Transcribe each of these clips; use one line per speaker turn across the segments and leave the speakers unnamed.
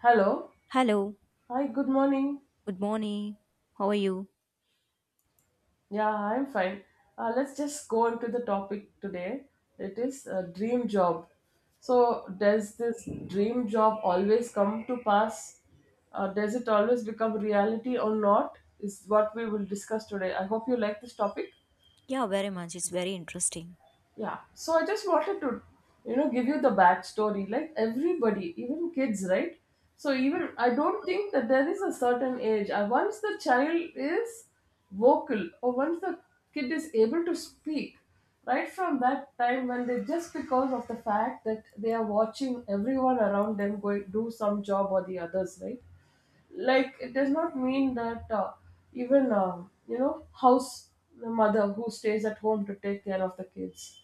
Hello.
Hello,
Hi, good morning.
good morning. How are you?
Yeah, I'm fine. Let's just go into the topic today. It is a dream job. So, does this dream job always come to pass? Does it always become reality or not? Is what we will discuss today. I hope you like this topic.
Yeah, very much. It's very interesting.
Yeah, so I just wanted to, you know, give you the backstory. Like everybody, even kids, right? So even I don't think that there is a certain age. Once the child is vocal, or once the kid is able to speak, right from that time when they just because of the fact that they are watching everyone around them going do some job or the others, right? Like it does not mean that even you know house the mother who stays at home to take care of the kids,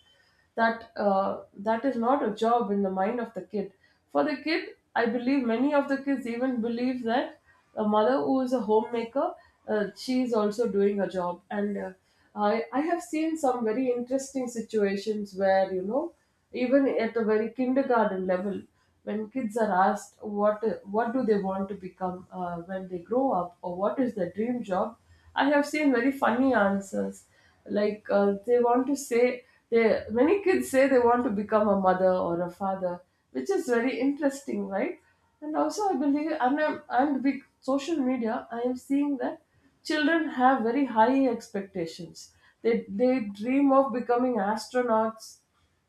that that is not a job in the mind of the kid. For the kid, I believe many of the kids even believe that a mother who is a homemaker, she is also doing a job. And I have seen some very interesting situations where, you know, even at a very kindergarten level, when kids are asked what do they want to become when they grow up or what is their dream job, I have seen very funny answers. Like they want to say, they many kids say they want to become a mother or a father, which is very interesting, right? And also, I believe and with social media, I am seeing that children have very high expectations. They dream of becoming astronauts.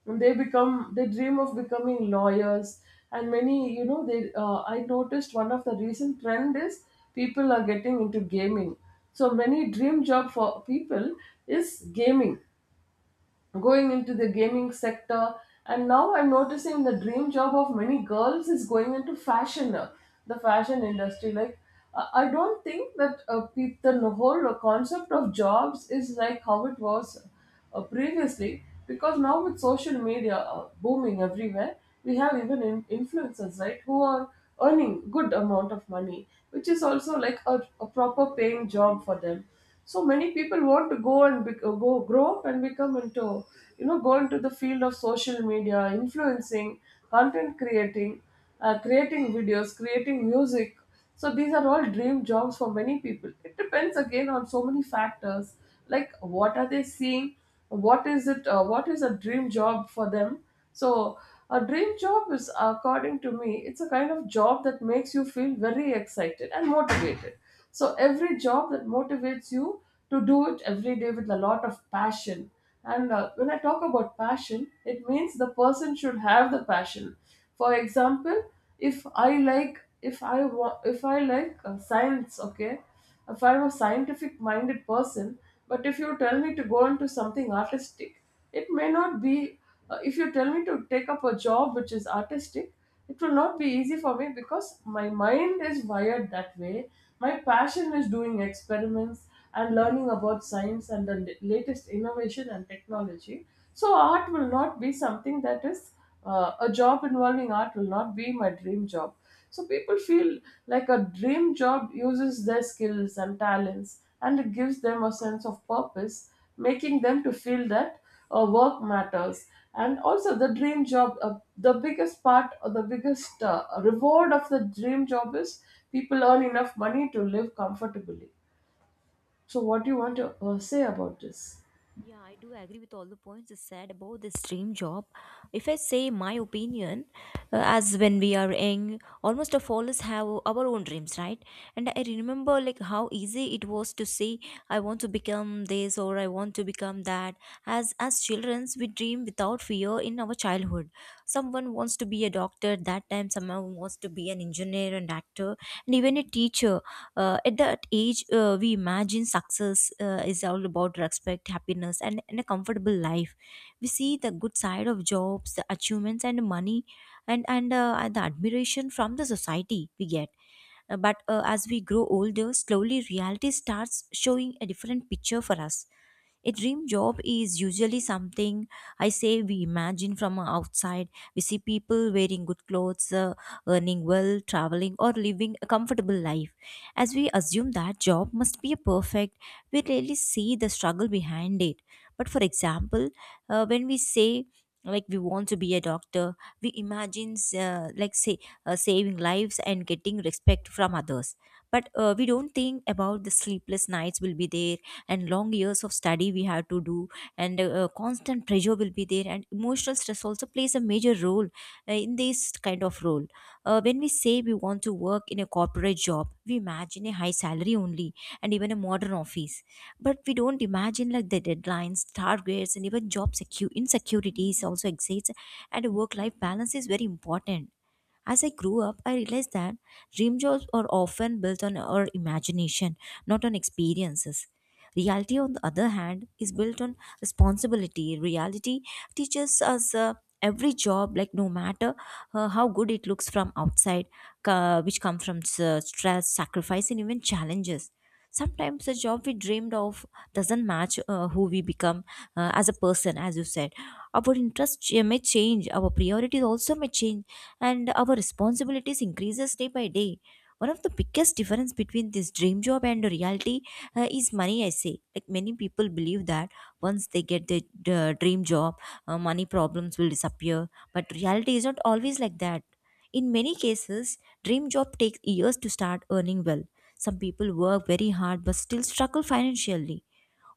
And They become they dream of becoming lawyers. And many, you know, they I noticed one of the recent trend is people are getting into gaming. So many dream job for people is gaming, going into the gaming sector. And now I'm noticing the dream job of many girls is going into fashion, the fashion industry. I don't think that the whole concept of jobs is like how it was previously, because now with social media booming everywhere, we have even influencers, right, who are earning good amount of money, which is also like a proper paying job for them. So many people want to go grow up and become into, you know, go into the field of social media influencing, content creating, creating videos, creating music. So these are all dream jobs for many people. It depends again on so many factors, like what are they seeing, what is it, what is a dream job for them. So a dream job is, according to me, it's a kind of job that makes you feel very excited and motivated. So every job that motivates you to do it every day with a lot of passion. And when I talk about passion, it means the person should have the passion. For example, if I like science, okay, if I'm a scientific-minded person, but if you tell me to go into something artistic, it may not be. If you tell me to take up a job which is artistic, it will not be easy for me because my mind is wired that way. My passion is doing experiments and learning about science and the latest innovation and technology. So art will not be something that is a job involving art will not be my dream job. So people feel like a dream job uses their skills and talents, and it gives them a sense of purpose, making them to feel that work matters. And also the dream job, the biggest part or the biggest reward of the dream job is people earn enough money to live comfortably. So what do you want to say about this?
Yeah, I do agree with all the points you said about this dream job. If I say my opinion, as when we are young, almost of all us have our own dreams, right? And I remember like how easy it was to say, I want to become this or I want to become that. As children, we dream without fear in our childhood. Someone wants to be a doctor, that time someone wants to be an engineer and actor, and even a teacher at that age we imagine success is all about respect, happiness, and a comfortable life. We see the good side of jobs, the achievements and money, and the admiration from the society we get. But as we grow older, slowly reality starts showing a different picture for us. A dream job is usually something, I say, we imagine from outside. We see people wearing good clothes, earning well, traveling or living a comfortable life, as we assume that job must be a perfect. We rarely see the struggle behind it. But for example, when we say like we want to be a doctor, we imagine, like say, saving lives and getting respect from others. But we don't think about the sleepless nights will be there, and long years of study we have to do, and constant pressure will be there, and emotional stress also plays a major role in this kind of role. When we say we want to work in a corporate job, we imagine a high salary only, and even a modern office, but we don't imagine like the deadlines, targets, and even job insecurities also exists, and a work life balance is very important. As I grew up, I realized that dream jobs are often built on our imagination, not on experiences. Reality, on the other hand, is built on responsibility. Reality teaches us, every job, like no matter how good it looks from outside, which come from stress, sacrifice, and even challenges. Sometimes the job we dreamed of doesn't match who we become as a person, as you said. Our interests may change, our priorities also may change, and our responsibilities increases day by day. One of the biggest difference between this dream job and reality is money, I say. Like many people believe that once they get their dream job, money problems will disappear, but reality is not always like that. In many cases dream job takes years to start earning well. Some people work very hard but still struggle financially.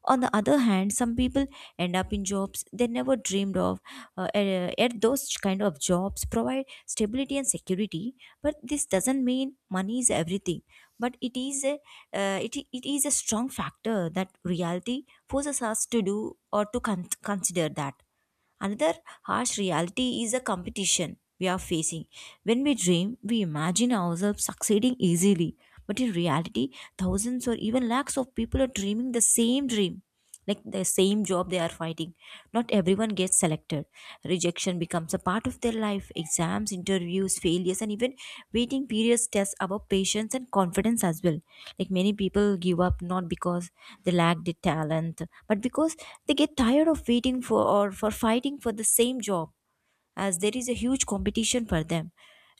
On the other hand, some people end up in jobs they never dreamed of. Yet those kind of jobs provide stability and security. But this doesn't mean money is everything. But it is a strong factor that reality forces us to do or to consider that. Another harsh reality is the competition we are facing. When we dream, we imagine ourselves succeeding easily. But in reality, thousands or even lakhs of people are dreaming the same dream, like the same job they are fighting. Not everyone gets selected. Rejection becomes a part of their life. Exams, interviews, failures, and even waiting periods test our patience and confidence as well. Like many people give up not because they lack the talent, but because they get tired of waiting for or for fighting for the same job, as there is a huge competition for them.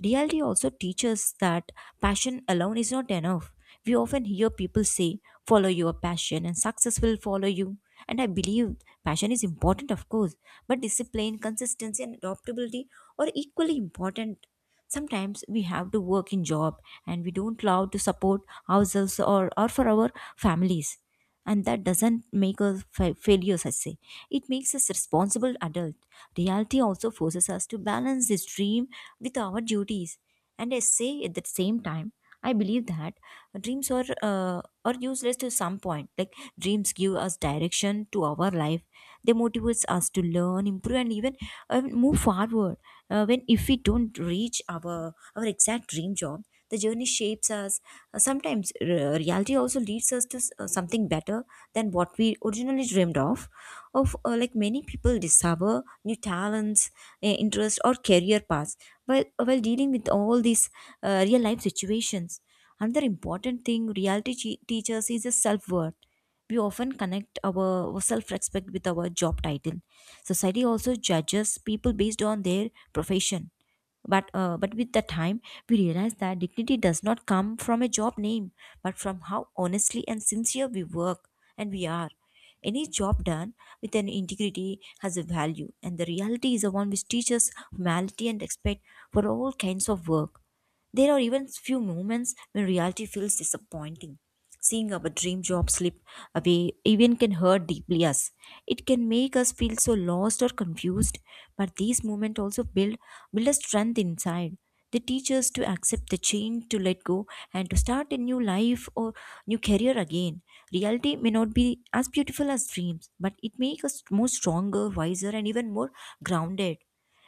Reality also teaches that passion alone is not enough. We often hear people say, follow your passion and success will follow you. And I believe passion is important, of course, but discipline, consistency, and adaptability are equally important. Sometimes we have to work in job and we don't allow to support ourselves, or for our families, and that doesn't make us failures, I say. It makes us responsible adults. Reality also forces us to balance this dream with our duties, and I say at the same time I believe that dreams are, are useless to some point. Like dreams give us direction to our life. They motivates us to learn, improve, and even move forward. When if we don't reach our exact dream job, the journey shapes us. Sometimes reality also leads us to something better than what we originally dreamed of. Like many people discover new talents, interests, or career paths while dealing with all these real life situations. Another important thing reality teaches is a self worth. We often connect our self respect with our job title. Society also judges people based on their profession. But with the time, we realize that dignity does not come from a job name, but from how honestly and sincere we work and we are. Any job done with an integrity has a value, and the reality is the one which teaches humanity and respect for all kinds of work. There are even few moments when reality feels disappointing. Seeing our dream job slip away even can hurt deeply us. It can make us feel so lost or confused, but these moments also build a strength inside. They teach us to accept the change, to let go, and to start a new life or new career again. Reality may not be as beautiful as dreams, but it makes us more stronger, wiser, and even more grounded.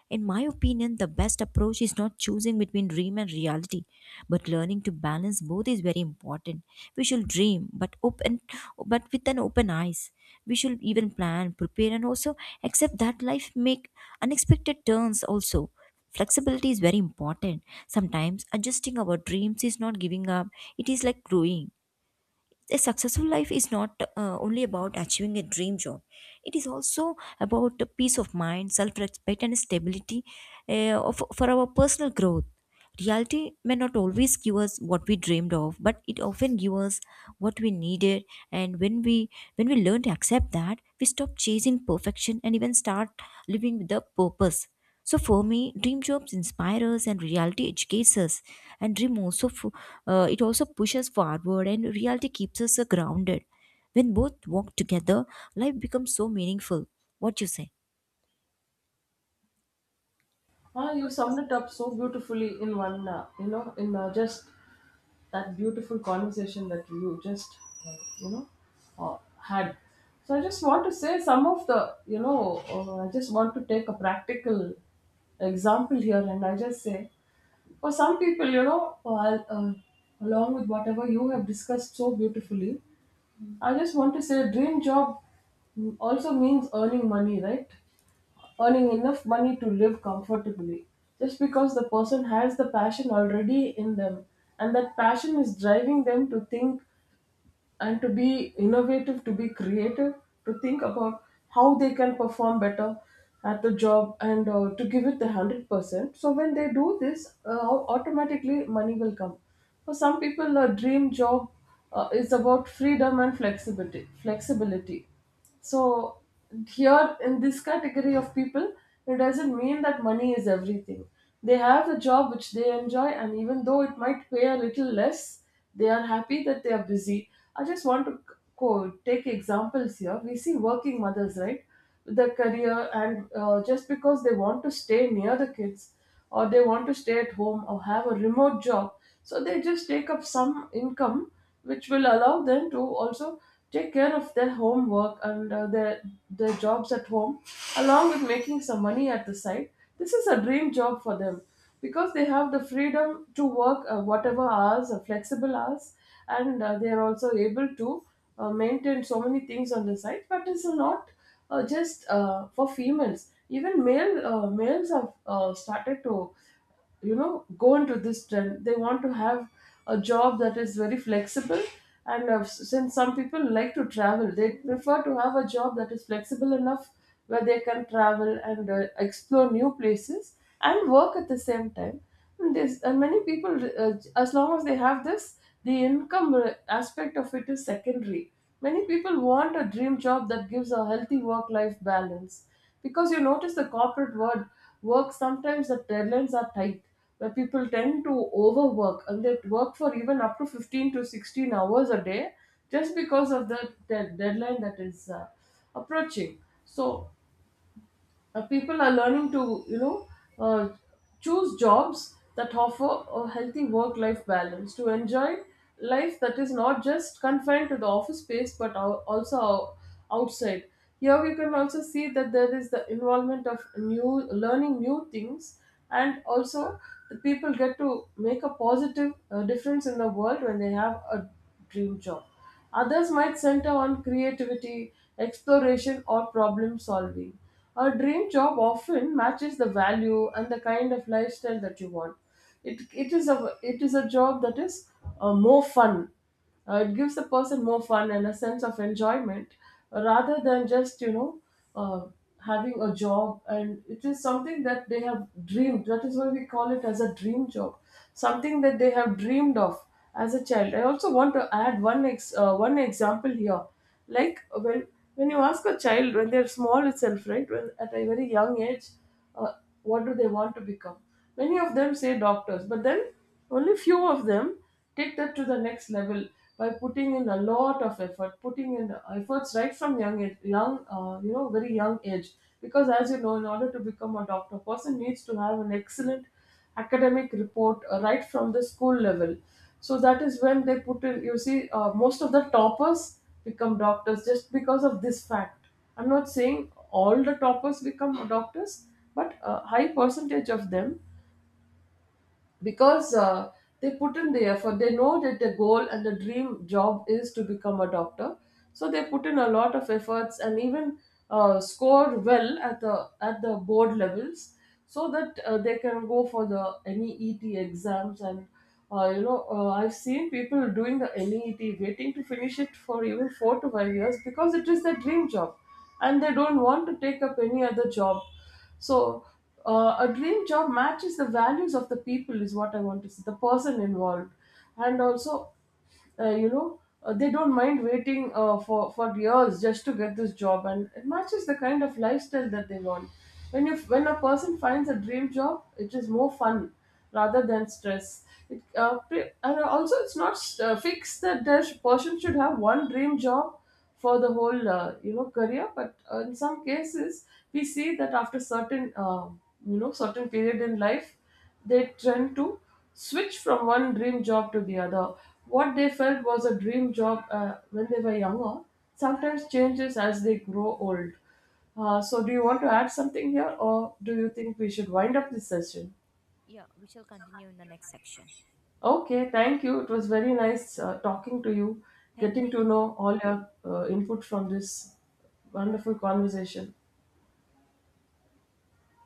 In my opinion, the best approach is not choosing between dream and reality, but learning to balance both is very important. We should dream, but open, but with an open eyes. We should even plan, prepare, and also accept that life make unexpected turns. Also, flexibility is very important. Sometimes adjusting our dreams is not giving up; it is like growing. A successful life is not only about achieving a dream job. It is also about the peace of mind, self-respect, and stability for our personal growth. Reality may not always give us what we dreamed of, but it often gives us what we needed. And when we learn to accept that, we stop chasing perfection and even start living with a purpose. So for me, dream jobs inspire us and reality educates us. And dream also it also pushes forward, and reality keeps us grounded. When both walk together, life becomes so meaningful. What you say?
Ah, you summed it up so beautifully in just that beautiful conversation that you just uh, you know had. So I just want to say some of the, you know I just want to take a practical example here, and I just say for some people, you know, along with whatever you have discussed so beautifully, I just want to say, dream job also means earning money, right? Earning enough money to live comfortably. Just because the person has the passion already in them, and that passion is driving them to think and to be innovative, to be creative, to think about how they can perform better at the job and to give it the 100%. So when they do this, automatically money will come. For some people, a dream job is about freedom and flexibility. So here, in this category of people, it doesn't mean that money is everything. They have a job which they enjoy, and even though it might pay a little less, they are happy that they are busy. I just want to take examples here. We see working mothers, right? The career, and just because they want to stay near the kids, or they want to stay at home or have a remote job, so they just take up some income which will allow them to also take care of their homework and their jobs at home, along with making some money at the side. This is a dream job for them because they have the freedom to work whatever hours, flexible hours, and they are also able to maintain so many things on the site. But it's not just for females. Even males have started to, you know, go into this trend. They want to have a job that is very flexible. And since some people like to travel, they prefer to have a job that is flexible enough, where they can travel and explore new places and work at the same time. And there's and Many people, as long as they have this, the income aspect of it is secondary. Many people want a dream job that gives a healthy work life balance, because you notice the corporate world work, sometimes the deadlines are tight, where people tend to overwork and they work for even up to 15 to 16 hours a day just because of the deadline that is approaching. So people are learning to, you know, uh, choose jobs that offer a healthy work-life balance, to enjoy life that is not just confined to the office space but also outside. Here we can also see that there is the involvement of new learning new things, and also the people get to make a positive difference in the world when they have a dream job. Others might center on creativity, exploration, or problem solving. A dream job often matches the value and the kind of lifestyle that you want. It is a job that is more fun. It gives the person more fun and a sense of enjoyment, rather than just, you know, uh, having a job. And it is something that they have dreamed. That is why we call it as a dream job, something that they have dreamed of as a child. I also want to add one example here, like when you ask a child when they're small itself, right, when at a very young age, uh, what do they want to become, many of them say doctors, but then only few of them take that to the next level by putting in a lot of effort, putting in efforts right from young age, young you know very young age. Because as you know, in order to become a doctor, person needs to have an excellent academic report right from the school level. So that is when they put in, you see, most of the toppers become doctors just because of this fact. I'm not saying all the toppers become doctors, but a high percentage of them, because they put in the effort, they know that the goal and the dream job is to become a doctor. So they put in a lot of efforts and even score well at the board levels, so that they can go for the NEET exams. And I've seen people doing the NEET waiting to finish it for even 4 to 5 years because it is their dream job, and they don't want to take up any other job. So a dream job matches the values of the people, is what I want to say, the person involved. And also, they don't mind waiting for years just to get this job, and it matches the kind of lifestyle that they want. When a person finds a dream job, it is more fun rather than stress. It, pre- and Also, it's not fixed that the person should have one dream job for the whole career. But in some cases we see that after certain you know certain period in life, they tend to switch from one dream job to the other. What they felt was a dream job when they were younger sometimes changes as they grow old. So do you want to add something here, or do you think we should wind up this session?
Yeah, we shall continue in the next section.
Okay, thank you. It was very nice talking to you,
Thank you.
getting to know all your input from this wonderful conversation.